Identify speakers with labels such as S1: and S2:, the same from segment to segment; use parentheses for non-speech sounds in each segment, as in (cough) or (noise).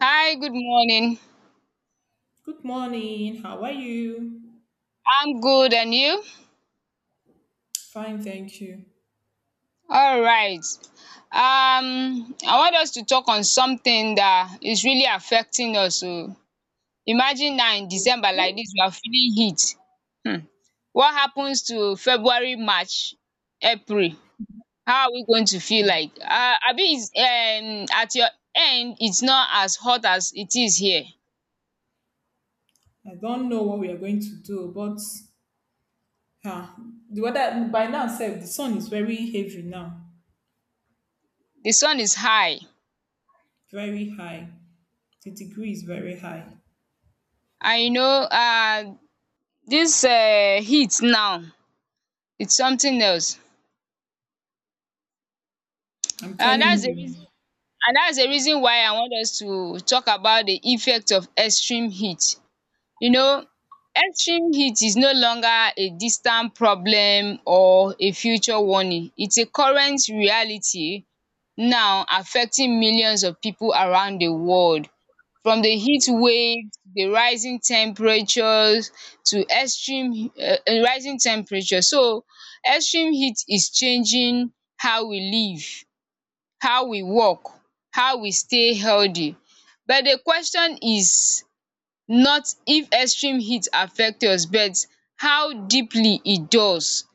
S1: Hi, good morning.
S2: Good morning. How are you?
S1: I'm good, and you?
S2: Fine, thank you.
S1: All right. I want us to talk on something that is really affecting us. So imagine now in December like this, we are feeling heat. Hmm. What happens to February, March, April? How are we going to feel like? Abi is at your end, it's not as hot as it is here.
S2: I don't know what we are going to do, but ah, the weather by now, sef, the sun is very heavy now,
S1: The sun is high,
S2: very high. The degree is very high.
S1: and uh, this heat now, it's something else.
S2: I'm
S1: And
S2: telling
S1: that's the reason
S2: you.
S1: and that's the reason why I want us to talk about the effect of extreme heat. You know, extreme heat is no longer a distant problem or a future warning. It's a current reality now affecting millions of people around the world. From the heat waves, the rising temperatures to extreme rising temperature. So, extreme heat is changing how we live, how we walk, how we stay healthy. But the question is not if extreme heat affect us but how deeply it does.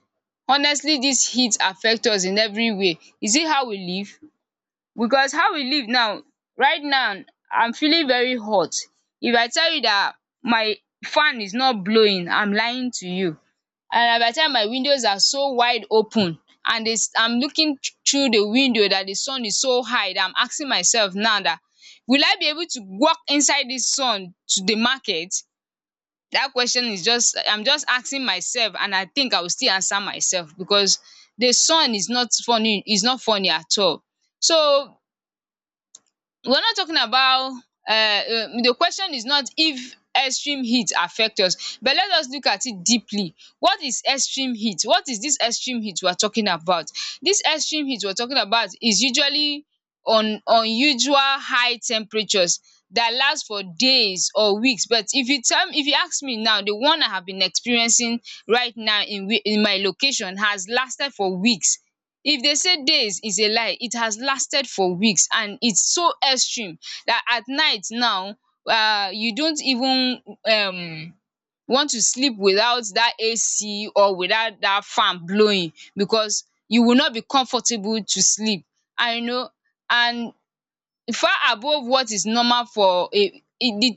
S1: Honestly, dis heat affect us in every way. Is it how we live? Because how we live now, right now, I'm feeling very hot. If I tell you that my fan is not blowing, I'm lying to you. And by the time my windows are so wide open and the I'm looking through the window that the sun is so high dat I'm asking myself now that will I be able to walk inside this sun to the market? That question is just I'm just asking myself and I think I will still answer myself because the sun is not funny, is not funny at all. So we're not talking about the question is not if extreme heat affect us but let us look at it deeply. What is extreme heat? What is this extreme heat we're talking about? This extreme heat we're talking about is usually un unusual high temperatures that last for days or weeks but if you tell me, if you ask me now, the one I have been experiencing right now in my location has lasted for weeks. If they say days is a lie, it has lasted for weeks and its so extreme that at night now, you don't even um want to sleep without that AC or without that fan blowing because you will not be comfortable to sleep. And you know, and far above what is normal for a,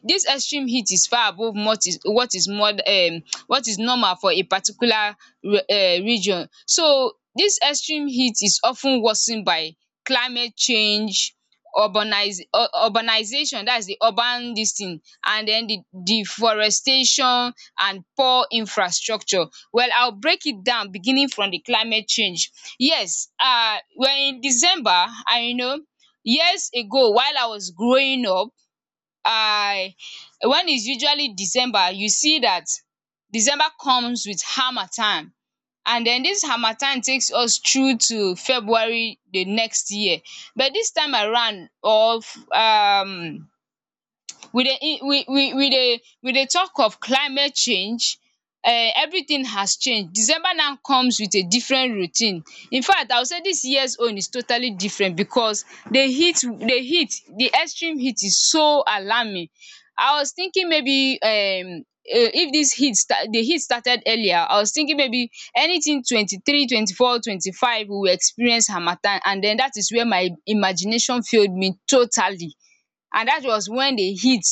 S1: this extreme heat is far above what is, what is more, what is normal for a particular region. So this extreme heat is of ten worsen by climate change, urbanize urbanization, that is the urban this thing, and den the deforestation and poor infrastructure. Well, I will break it down beginning from the climate change. Yes, we're in December and you know, years ago while I was growing up, I, when it's usually December you see that December comes with harmattan and den dis harmattan takes us through to February the next year, but dis time around of um we dey in, we dey we dey talk of climate change. Everything has changed. December now comes with a different routine. In fact, I will say this years own is totally different because the heat the extreme heat is so alarming. I was thinking maybe if this heat start the heat started earlier. I was thinking maybe anything 23, 24, 25 we will experience harmattan, and then that is where my imagination failed me totally, and that was when the heat,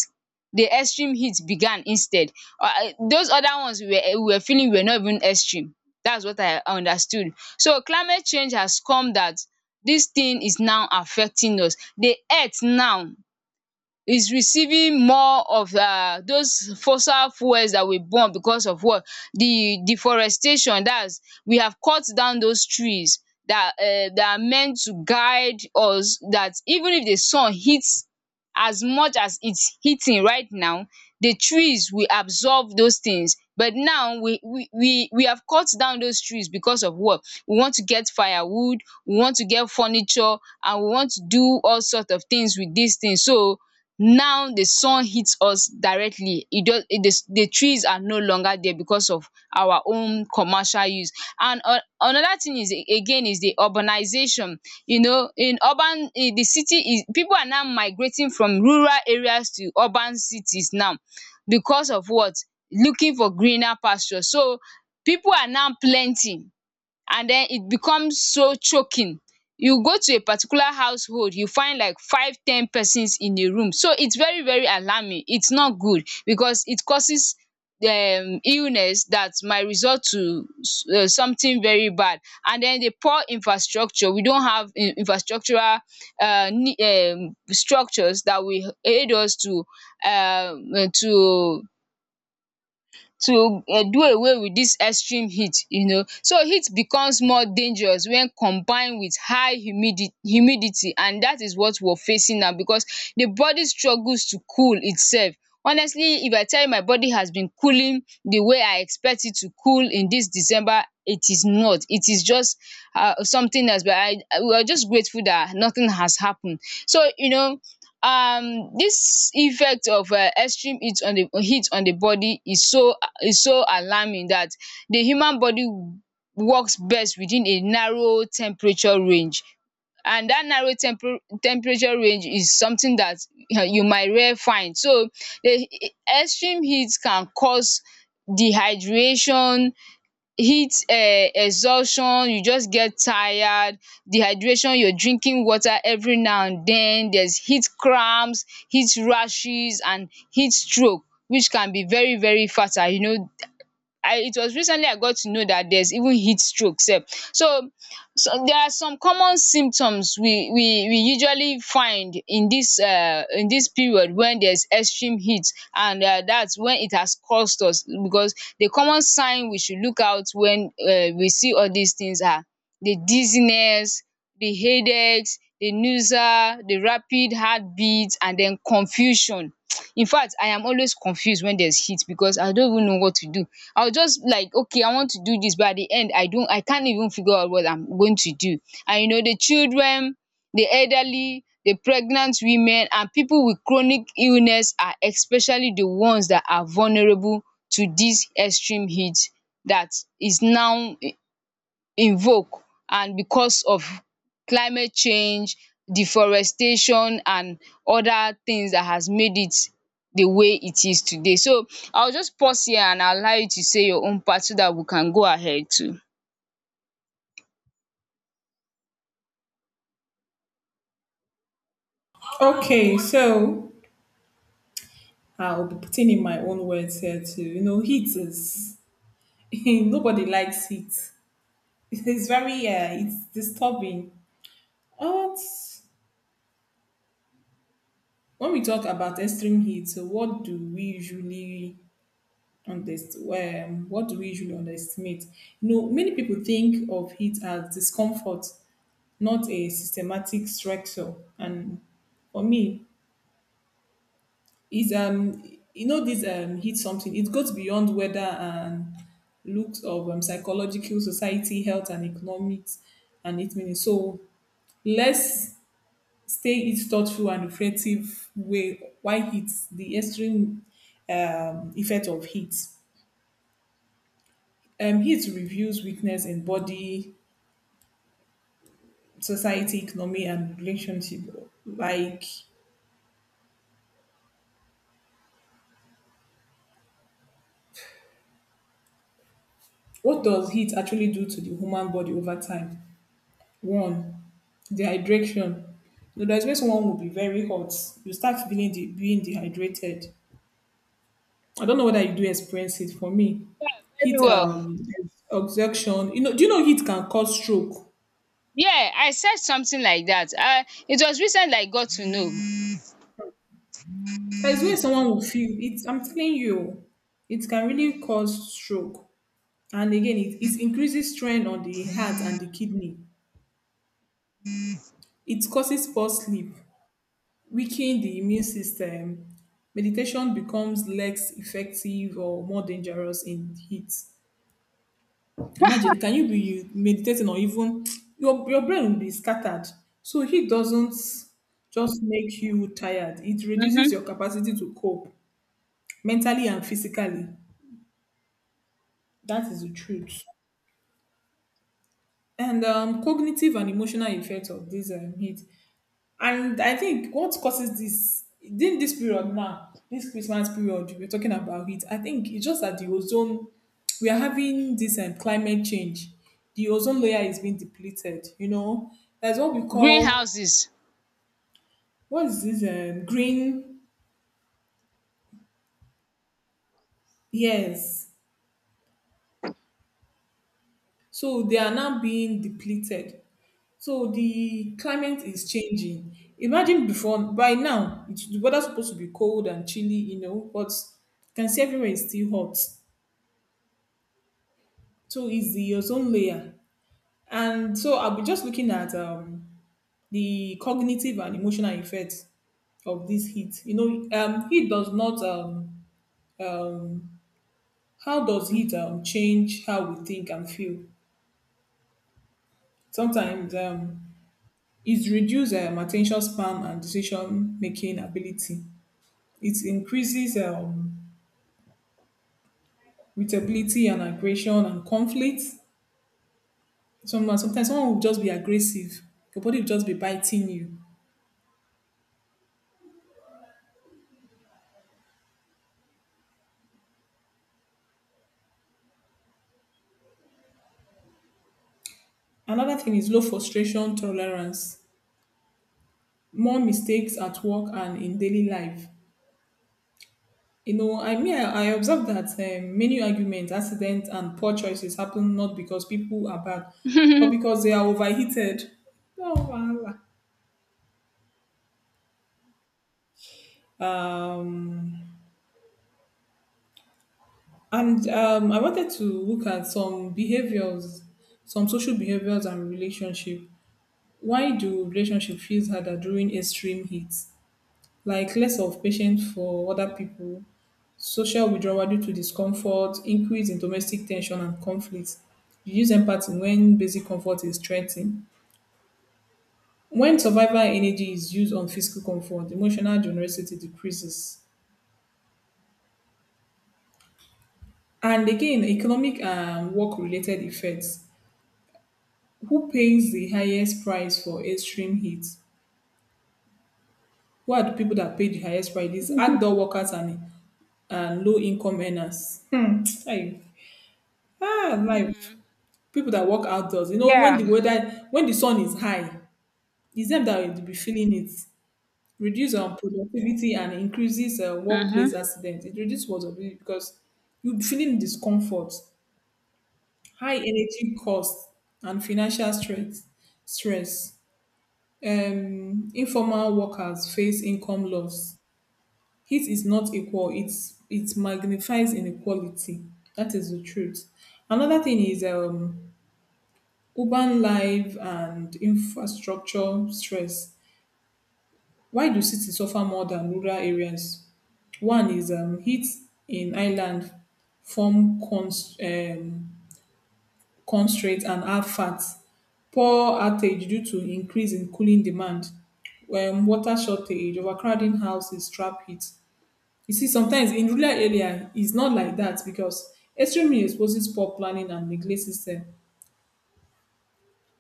S1: the extreme heat began instead. Those other ones we were feeling were not even extreme, that's what I understood. So climate change has come, that this thing is now affecting us. The earth now is receiving more of those fossil fuels that we burn because of what? The deforestation dats we have cut down those trees that that are meant to guide us. That even if the sun hits as much as its hitting right now, the trees will absorb those things, but now we have cut down those trees because of what? We want to get firewood, we want to get furniture, and we want to do all sorts of things with these things. So now the sun hit us directly, e just it, the trees are no longer there because of our own commercial use. And another thing is, again, is the urbanization. You know, in urban, in the city is, people are now migrating from rural areas to urban cities now because of what? Looking for greener pasture. So people are now plenty and then it becomes so choking. You go to a particular household you find like 5, 10 persons in a room, so it's very very alarming, it's not good because it causes illness that might result to something very bad. And then the poor infrastructure, we don't have infrastructural structures that will aid us to um to do away with this extreme heat, you know. So heat becomes more dangerous when combined with high humidity, and that is what we're facing now because the body struggles to cool itself. Honestly, if I tell you my body has been cooling the way I expect it to cool in this December, it is not. It is just something else, but we are just grateful that nothing has happened. So you know, this effect of extreme heat on the body is so, is so alarming that the human body works best within a narrow temperature range, and that narrow temperature range is something that you might rare find. So the extreme heat can cause dehydration, heat exhaustion, you just get tired, dehydration, you're drinking water every now and then, there's heat cramps, heat rashes, and heat stroke, which can be very very fatal. You know, I, it was recently I got to know dat there's even heat stroke sef. So so there are some common symptoms we usually find in dis period wen there's extreme heat, and dats wen it has caused us, because the common sign we should look out wen we see all dis things are the dizziness, the headaches, the nausea, the rapid heartbeat and den confusion. Infact, I am always confused when there's heat because I don't even know what to do. I'll just like, okay, I want to do this, but at the end, I don't, I can't even figure out what I'm going to do. And you know, the children, the elderly, the pregnant women, and people with chronic illness are especially the ones that are vulnerable to this extreme heat that is now invoke, and because of climate change, deforestation and other things that has made it the way it is today. So I will just pause here and allow you to say your own part so that we can go ahead too.
S2: Okay, so I'll be putting in my own words here too. You know, heat is (laughs) nobody likes heat. (laughs) It's very it's disturbing. But when we talk about extreme heat, so what do we usually on this what do we usually underestimate? No, many people think of it as discomfort, not a systematic structure. And for me is you know this hit something, it goes beyond weather and looks of psychological society, health and economics and it meaning. So let's stay it thoughtful and reflective way why heat the extreme effect of heat, heat reveals weakness in body, society, economy, and relationship. Like, what does heat actually do to the human body over time? One, dehydration. You know, there's where someone will be very hot. You start feeling the, being dehydrated. I don't know whether you do experience it. For me,
S1: Very
S2: heat,
S1: well.
S2: exhaustion. You know, do you know heat can cause stroke?
S1: Yeah, I said something like that. I, it was recently I got to know.
S2: There's where someone will feel it. I'm telling you, it can really cause stroke. And again, it increases strain on the heart and the kidney. It causes poor sleep, weaken the immune system, meditation becomes less effective or more dangerous in heat. Imagine, can you be meditating or even your brain will be scattered. So heat doesn't just make you tired, it reduces
S1: Mhm.
S2: your capacity to cope mentally and physically. That is the truth. And cognitive and emotional effects of this heat. And I think what causes this during this period now, this Christmas period we're talking about it, I think it's just that the ozone, we are having this climate change. The ozone layer is being depleted, you know. That's what we call,
S1: Greenhouses.
S2: what is this green, yes. So they are now being depleted. So the climate is changing. Imagine before by now, it's, the weather's supposed to be cold and chilly, you know, but you can see everywhere is still hot. Too easy, your own layer. And so I'll be just looking at the cognitive and emotional effects of this heat. You know, heat does not, um, how does heat change how we think and feel? Sometimes it reduces attention span and decision making ability. It increases irritability and aggression and conflict. Sometimes someone will just be aggressive, your body will just be biting you. Another thing is low frustration tolerance, more mistakes at work and in daily life. You know, I mean, I observe that many arguments, accidents, and poor choices happen not because people are bad, but
S1: (laughs)
S2: because they are overheated. Oh, wahala. Um, and I wanted to look at some behaviors, some social behaviors and relationship. Why do relationship feels harder during extreme heat? Like less of patience for other people, social withdrawal due to discomfort, increase in domestic tension and conflict, reduce empathy when basic comfort is threatened. When survival energy is used on physical comfort, emotional generosity decreases. And again, economic and work related effects. Who pays the highest price for extreme heat? Who are the people that pay the highest price? It's outdoor workers and low income earners. Hmm. Aye. Ah, life.
S1: Mhm.
S2: People that work outdoors. You know, when the
S1: Yeah.
S2: weather, when the sun is high, it's them that will be feeling it. Reduce productivity and increases
S1: Mhm.
S2: workplace accidents. It reduces productivity because you'll be feeling discomfort, high energy costs, and financial stress. Stress. Informal workers face income loss. Heat is not equal. It's it magnifies inequality. That is the truth. Another thing is urban life and infrastructure stress. Why do cities suffer more than rural areas? One is heat in island form constraints and add fat. Poor outage due to increase in cooling demand. Water shortage, overcrowding houses, trap heat. You see, sometimes in rural area, it's not like that because extreme heat exposes poor planning and neglect system,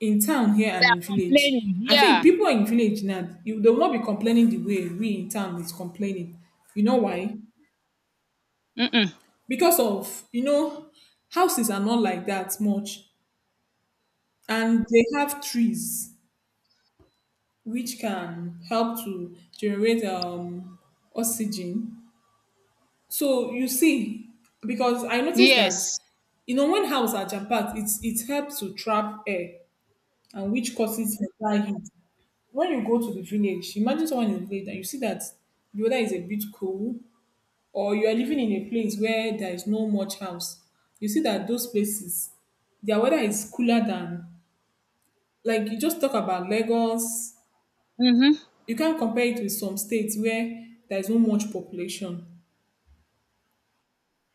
S2: in town here
S1: They
S2: and
S1: are
S2: in village.
S1: complaining.
S2: I think
S1: Yeah.
S2: people in village now, you, they will not be complaining the way we in town is complaining. You know why?
S1: Mm-mm.
S2: Because of, you know, houses are not like that much. And they have trees which can help to generate oxygen. So you see, because I noticed that,
S1: Yes.
S2: you know, when houses are jam-packed, it's, it helps to trap air and which causes better heat. When you go to the village, imagine someone in the village and you see that the weather is a bit cool or you are living in a place where there is no much house. You see that those places, their weather is cooler than, like you just talk about Lagos.
S1: Mhm.
S2: You can't compare it with some states where there is no much population.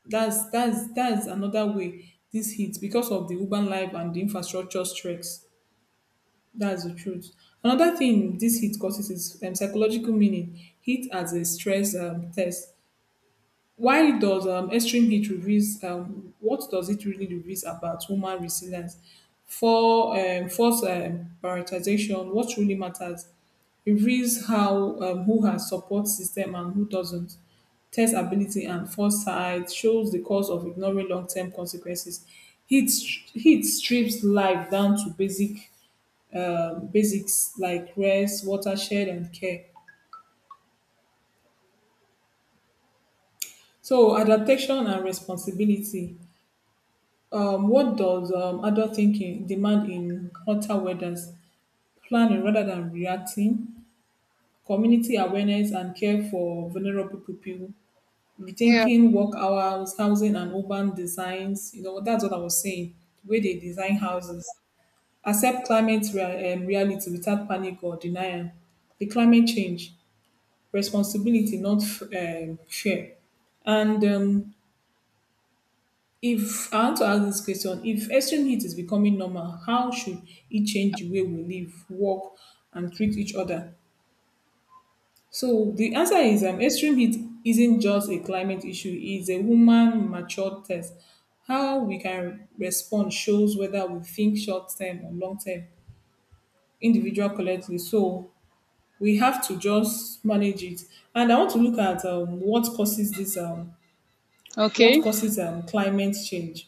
S2: That's that's another way this hits because of the urban life and the infrastructure stress. That's the truth. Another thing this hit causes is psychological meaning. Hit as a stress test. Why does extreme heat reveals, what does it really reveals about human resilience? For force prioritization, what really matters reveals how who has support system and who doesn't. Test ability and foresight shows the cause of ignoring long-term consequences. Heat strips life down to basic basics like rest, watershed, and care. So adaptation and responsibility. What does adult thinking demand in hotter weathers? Planning rather than reacting, community awareness and care for vulnerable people,
S1: Yeah.
S2: rethinking work hours, housing and urban designs. You know, that's what I was saying, the way they design houses. Accept reality without panic or denial. The climate change, responsibility, not fear. And if I want to ask this question, if extreme heat is becoming normal, how should it change the way we live, work, and treat each other? So the answer is extreme heat isn't just a climate issue, it's a human mature test. How we can respond shows whether we think short term or long term, individual collectively. So we have to just manage it. And I want to look at what causes this what
S1: Okay.
S2: causes climate change,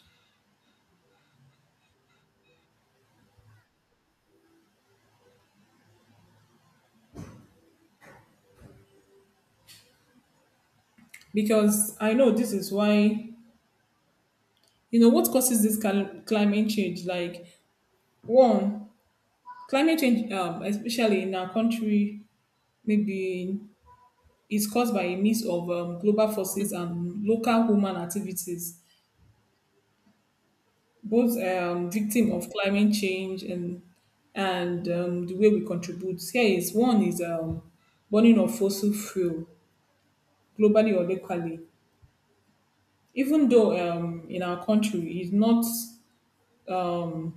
S2: because I know this is why, you know what causes this climate change. Like one, climate change especially in our country maybe is caused by a mix of global forces and local human activities, both victim of climate change. And the way we contribute here is one is burning of fossil fuel globally or locally, even though in our country it's not um,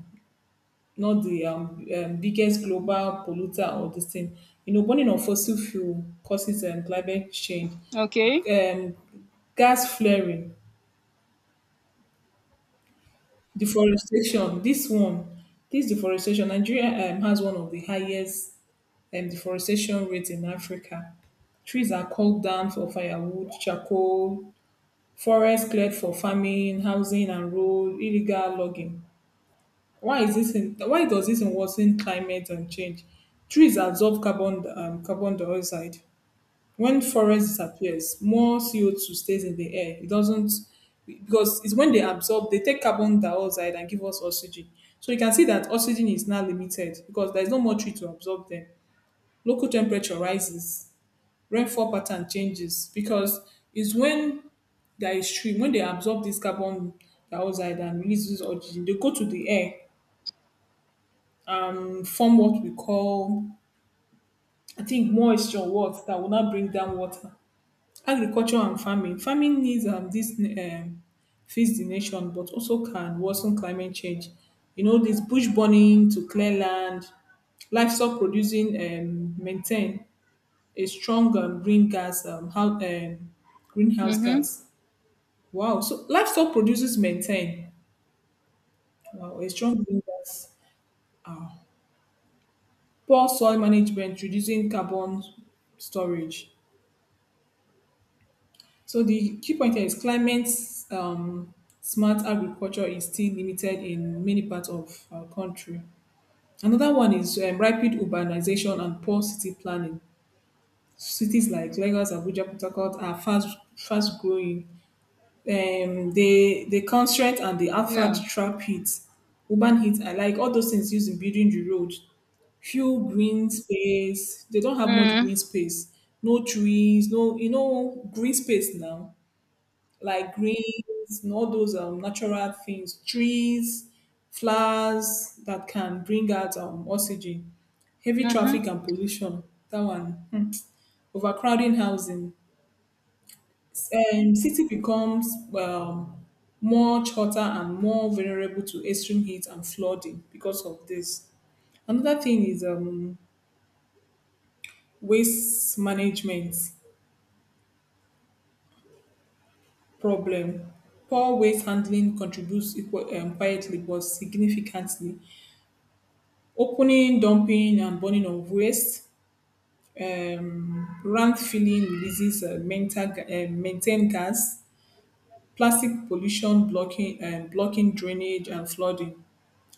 S2: not the biggest global polluter or this thing. You know, burning of fossil fuel causes climate change,
S1: Okay.
S2: um, gas flaring, deforestation. This one, this deforestation, Nigeria has one of the highest deforestation rates in Africa. Trees are cut down for firewood, charcoal, forest cleared for farming, housing, and road, illegal logging. Why does this worsen climate and change? Trees absorb carbon dioxide. When forest disappears, more CO2 stays in the air. It doesn't because it's when they absorb, they take carbon dioxide and give us oxygen. So you can see that oxygen is now limited because there's no more tree to absorb them. Local temperature rises, rainfall pattern changes because it's when there is tree, when they absorb this carbon dioxide and releases oxygen, they go to the air form what we call, I think, moisture what that will not bring down water. Agriculture and farming. Farming needs this feeds the nation, but also can worsen climate change. You know, this bush burning to clear land, livestock producing maintain a strong green gas, greenhouse
S1: Mhm.
S2: gas. Wow. So livestock producers maintain, wow, a strong green gas. Poor soil management, reducing carbon storage. So the key point here is climate um, smart agriculture is still limited in many parts of our country. Another one is rapid urbanization and poor city planning. Cities like Lagos, Abuja, Port Harcourt are fast growing. The the constraint and the asphalt
S1: Yeah.
S2: trap heat, urban heat, I like all those things used in building the road, few green space, they don't have much
S1: Mm.
S2: green space, no trees, no, you know, green space now like greens and all those natural things, trees, flowers that can bring out oxygen. Heavy
S1: Mhm.
S2: traffic and pollution. That one. Hmm. Overcrowding housing. City becomes um, much hotter and more vulnerable to extreme heat and flooding because of this. Another thing is waste management problem. Poor waste handling contributes equal, quietly but significantly. Opening, dumping and burning of waste. Rant filling releases methane gas. Plastic pollution blocking and blocking drainage and flooding.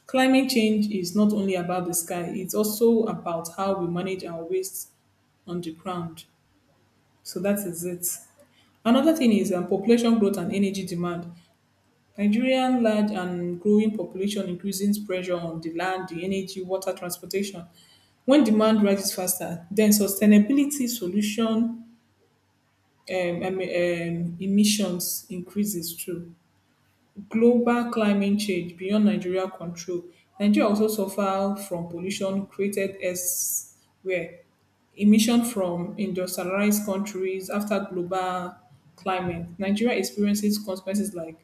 S2: Climate change is not only about the sky; it's also about how we manage our waste on the ground. So that is it. Another thing is population growth and energy demand. Nigerian large and growing population increases pressure on the land, the energy, water, transportation. When demand rises faster, then sustainability solution emissions increases too. Global climate change beyond Nigeria control, Nigeria also suffer from pollution created elsewhere. Emission from industrialized countries after global climate. Nigeria experiences consequences like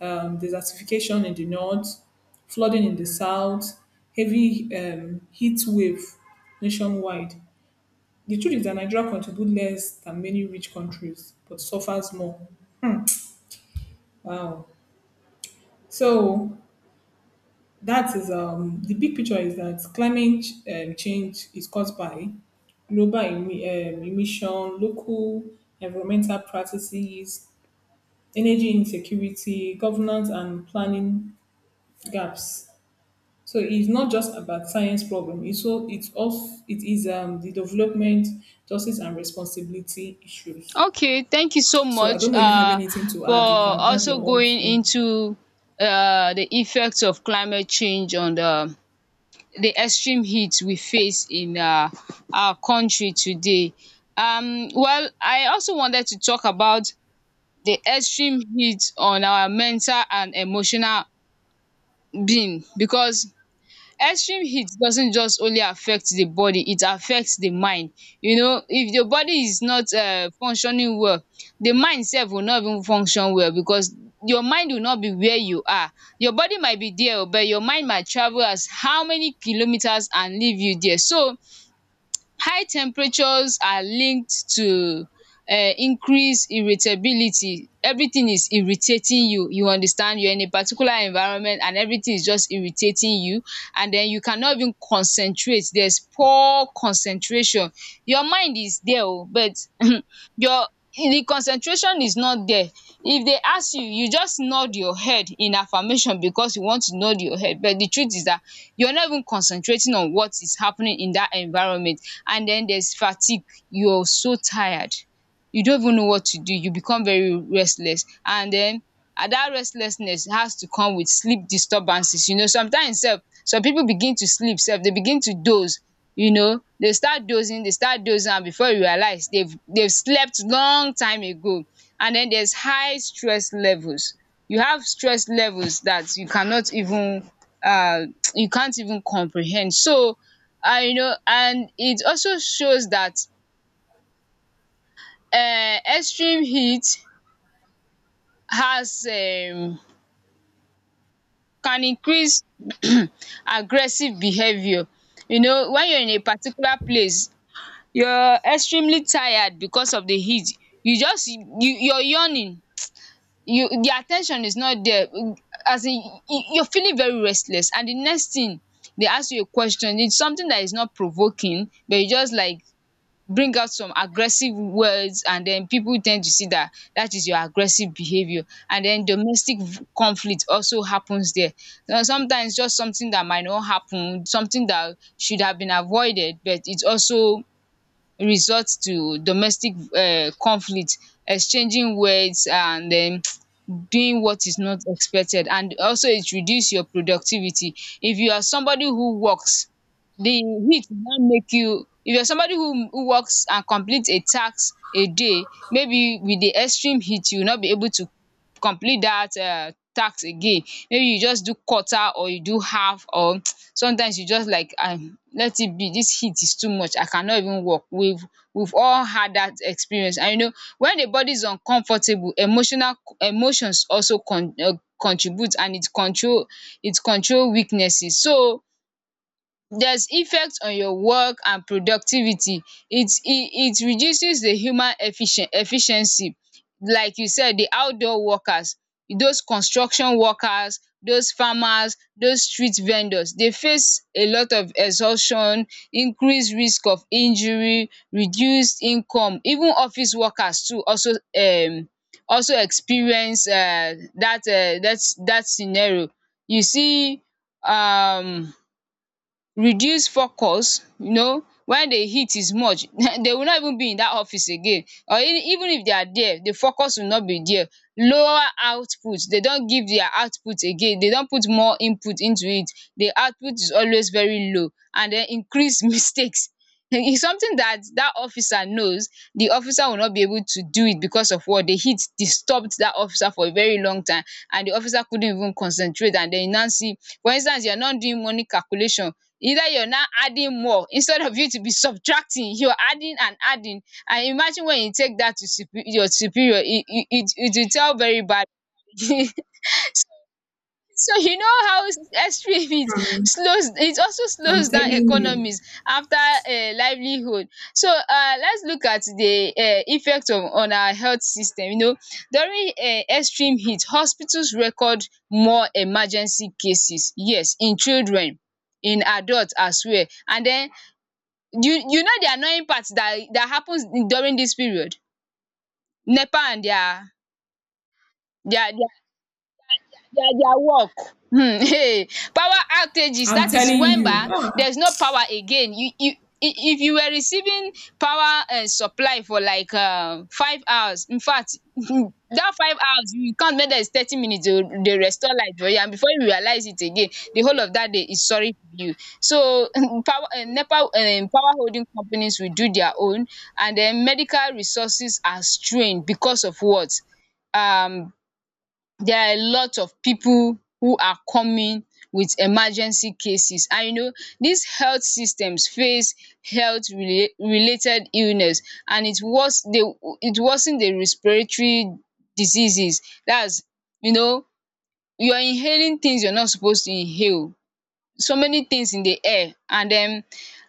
S2: desertification in the north, flooding in the south, heavy heat wave nationwide. The truth is that Nigeria contributes less than many rich countries, but suffers more. Wow. So that is the big picture is that climate change is caused by global emission, local environmental practices, energy insecurity, governance and planning gaps. So it's not just about science problem. It's so it's also it is the development, justice and responsibility issues.
S1: Okay. Thank you so
S2: So I
S1: much,
S2: don't know if you have anything to
S1: for
S2: add. You can add your
S1: also
S2: own
S1: going
S2: too.
S1: into the effects of climate change on the extreme heat we face in our country today. Well, I also wanted to talk about the extreme heat on our mental and emotional being, because extreme heat doesn't just only affect the body, it affects the mind. You know, if the body is not functioning well, the mind sef will not even function well, because your mind will not be where you are. Your body might be there but your mind might travel as how many kilometers and leave you there. So high temperatures are linked to increase irritability. Everything is irritating you, you understand, you're in a particular environment and everything is just irritating you, and den you cannot even concentrate, there's poor concentration. Your mind is there oh but (laughs) (clears throat) um your the concentration is not there. If they ask you, you just nod your head in affirmation because you want to nod your head but the truth is dat you're not even concentrating on what is happening in dat environment. And then there's fatigue, you're so tired, you don't even know what to do, you become very restless and then and that restlessness has to come with sleep disturbances, you know. Sometimes sef some people begin to sleep sef, they begin to doze. You know they start dozing, they start dozing and before you realize they've slept long time ago. And then there's high stress levels, you have stress levels that you cannot even uh, (tsk) you can't even comprehend. So and you know, and it also shows that extreme heat has can increase (clears throat) aggressive behaviour. You know when you're in a particular place, you're extremely tired because of the heat, you just you're yawning, you the attention is not there, as in you're feeling very restless and the next thing they ask you a question, it's something that is not provoking but you just like bring out some aggressive words, and then people tend to see that that is your aggressive behavior. And then domestic conflict also happens there. Now, sometimes just something that might not happen, something that should have been avoided, but it also resort to domestic conflict, exchanging words and doing what is not expected. And also it reduce your productivity. If you are somebody who works, the heat now make you, if you're somebody who works and complete a task a day, maybe with the extreme heat you will not be able to complete that task again. Maybe you just do quarter or you do half, or sometimes you just like let it be, dis heat is too much, I cannot even work. We've all had dat experience. And you know, when the body is uncomfortable, emotional emotions also contribute, and it control weaknesses. So does effect on your work and productivity, it it it reduces the human efficient efficiency. Like you said, the outdoor workers, those construction workers, those farmers, those street vendors dey face a lot of exhaustion, increase risk of injury, reduced income. Even office workers too also um also experience that scenario. You see, um reduce focus. You know when the heat is much (laughs) they will not even be in that office again, or even if they are there, the focus will not be there. Lower output, they don't give their output again, they don't put more input into it, the output is always very low, and then increase (laughs) mistakes. It's something that that officer knows, the officer will not be able to do it because of what, the heat disturbed that officer for a very long time, and the officer couldn't even concentrate. And then you now see, for instance, you're not doing money calculation. Either you're now adding more instead of you to be subtracting, you're adding and adding. And imagine when you take that to your superior, it will tell very bad. (laughs) So you know how extreme it slows, it also
S2: I'm
S1: slows down
S2: telling you.
S1: economies after livelihood. So let's look at the effect of on our health system. You know, during extreme heat, hospitals record more emergency cases, yes, in children, in adults as well. And then you know the annoying part that that happens during this period, nepa and their (laughs) power outages.
S2: I'm
S1: That is
S2: telling
S1: when
S2: you.
S1: there's no power again. If you were receiving power supply for like 5 hours, infact (laughs) that 5 hours you count make there's 30 minutes dey dey restore light for you, and before you realize it again, the whole of that day is sorry for you. So (laughs) power nepa power holding companies will do their own. And then medical resources are strained because of what, um there are a lot of people who are coming with emergency cases. And you know, these health systems face health related illness. And it worsen the respiratory diseases. That's, you know, you're inhaling things you're not supposed to inhale, so many things in the air. And den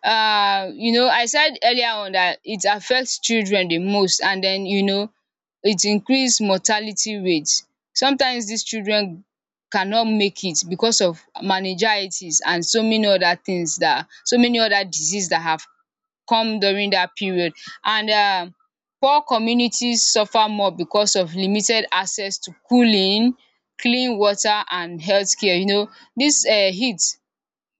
S1: you know, I said earlier on dat it affects children the most. And den, you know, it increase mortality rate. Sometimes dis children cannot make it because of meningitis and so many other things dat, so many other disease dat have come during dat period. And poor communities suffer more because of limited access to cooling, clean water and health care. You know dis heat,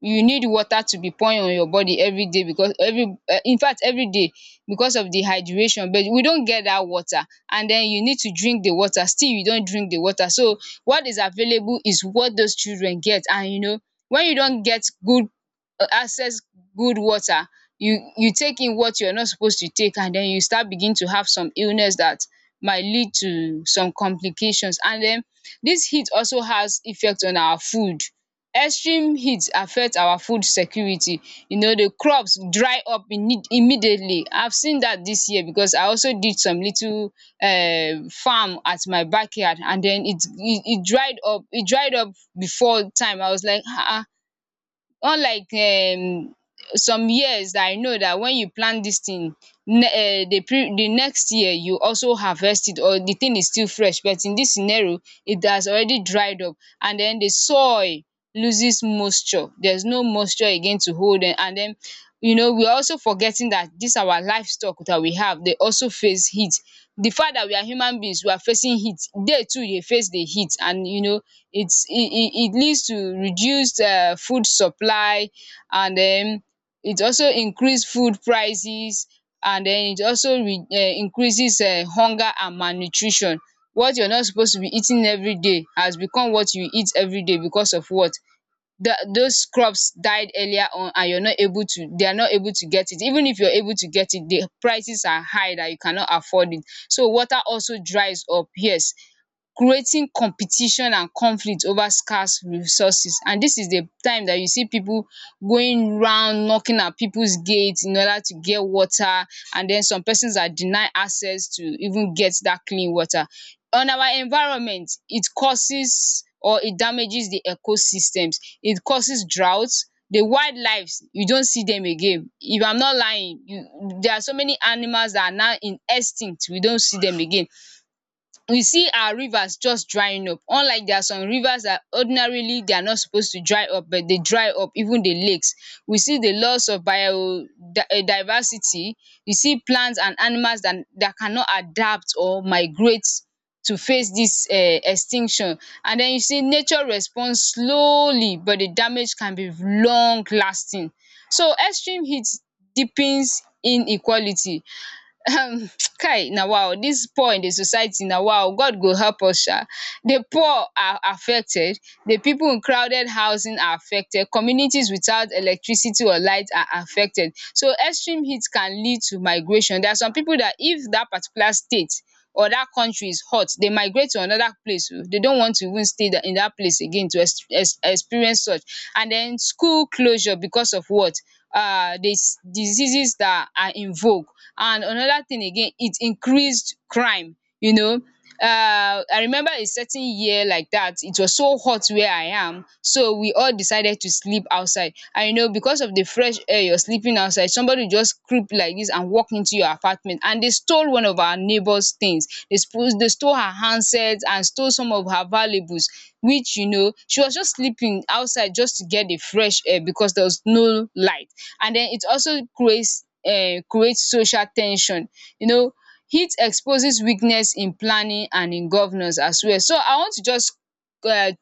S1: you need water to be pouring on your body every day, because every in fact every day, because of the hydration. But we don't get that water. And then you need to drink the water, still you don't drink the water. So what is available is what those children get. And you know, when you don't get good access, good water, you take in what you're not supposed to take, and then you start begin to have some illness that might lead to some complications. And then this heat also has effect on our food. Extreme heat affect our food security. You know, the crops dry up immediately. I've seen that this year because I also did some little farm at my backyard, and then it dried up, it dried up before time. I was like um unlike some years that I know, that when you plant dis thing, ne the pre the next year you also harvest it, or the thing is still fresh. But in dis scenario, it has already dried up. And den the soil loses moisture, there's no moisture again to hold dem. And den, you know, we are also forgetting that dis our livestock that we have dey also face heat. The fact that we are human beings we are facing heat, they too dey face the heat. And you know, it's it leads to reduced food supply. And den it also increase food prices. And den it also increases hunger and malnutrition. What you're not supposed to be eating everyday has become what you eat everyday because of what? The, those crops died earlier on, and you're not able to, they are not able to get it, even if you're able to get it the prices are high that you cannot afford it. So water also dries up, yes, creating competition and conflict over scarce resources. And this is the time that you see people going round knocking at people's gates in order to get water. And then some persons are denied access to even get that clean water. On our environment, it causes or it damages the ecosystems, it causes drought. The wildlives you don't see them again, if I'm not lying you, there are so many animals that are now in extinct, we don't see them again. We see our rivers just drying up, unlike, there are some rivers that ordinarily they are not supposed to dry up but they dry up, even the lakes. We see the loss of bio diversity we see plants and animals that cannot adapt or migrate to face this extinction. And then you see nature responds slowly, but the damage can be long lasting. So extreme heat deepens inequality. um (tsk) Kai na wow, this poor in the society, na wow, god go help us sha. The poor are affected, the people in crowded housing are affected, communities without electricity or light are affected. So extreme heat can lead to migration. There are some people that, if that particular state, other countries hot, dey migrate to another place oh, dey don't want to even stay in that place again to experience such. And then school closure, because of what, the diseases that are in vogue. And another thing again, it increased crime. You know, I remember a certain year like that it was so hot where I am, so we all decided to sleep outside. And you know, because of the fresh air, you're sleeping outside, somebody just creep like this and walk into your apartment, and they stole one of our neighbors things, they suppose, they stole her handsets and stole some of her valuables, which you know she was just sleeping outside just to get the fresh air because there was no light. And then it also creates social tension. You know, heat exposes weakness in planning and in governance as well. So I want to just um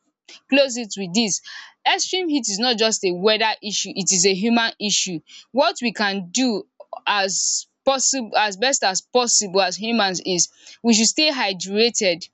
S1: close it with dis. Extreme heat is not just a weather issue, it is a human issue. What we can do, as possible, as best as possible as humans, is we should stay hydrated,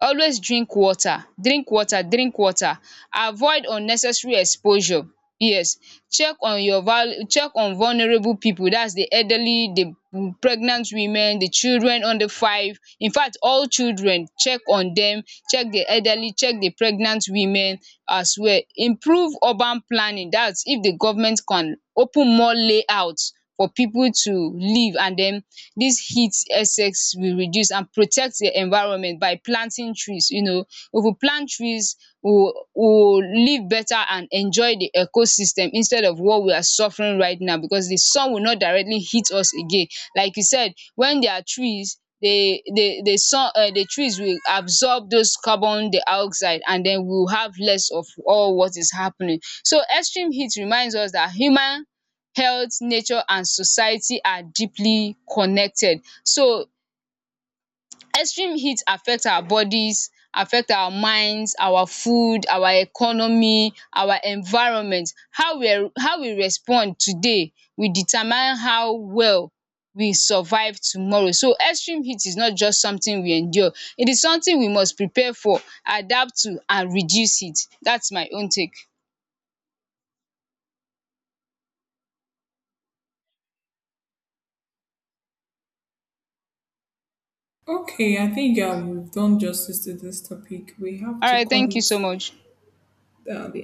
S1: always drink water, drink water, drink water, avoid unnecessary exposure, yes, check on vulnerable people, that's the elderly, the pregnant women, the children under five, in fact all children, check on them, check the elderly, check the pregnant women as well. Improve urban planning, that's if the government can open more layouts for people to live, and then dis heat excess will reduce. And protect the environment by planting trees, you know. If we plant trees, we will live better and enjoy the ecosystem instead of what we are suffering right now, because the sun will not directly hit us again. Like you said, when there are trees, the sun, the trees will absorb those carbon dioxide, and den we will have less of all what is happening. So extreme heat reminds us that human health, nature and society are deeply connected. So extreme heat affect our bodies, affect our minds, our food, our economy, our environment. How we respond today will determine how well we survive tomorrow. So extreme heat is not just something we endure, it is something we must prepare for, adapt to and reduce it. That's my own take.
S2: Okay, I think we've done justice to this topic. We have to
S1: Alright,
S2: call
S1: thank you so
S2: it
S1: much.
S2: the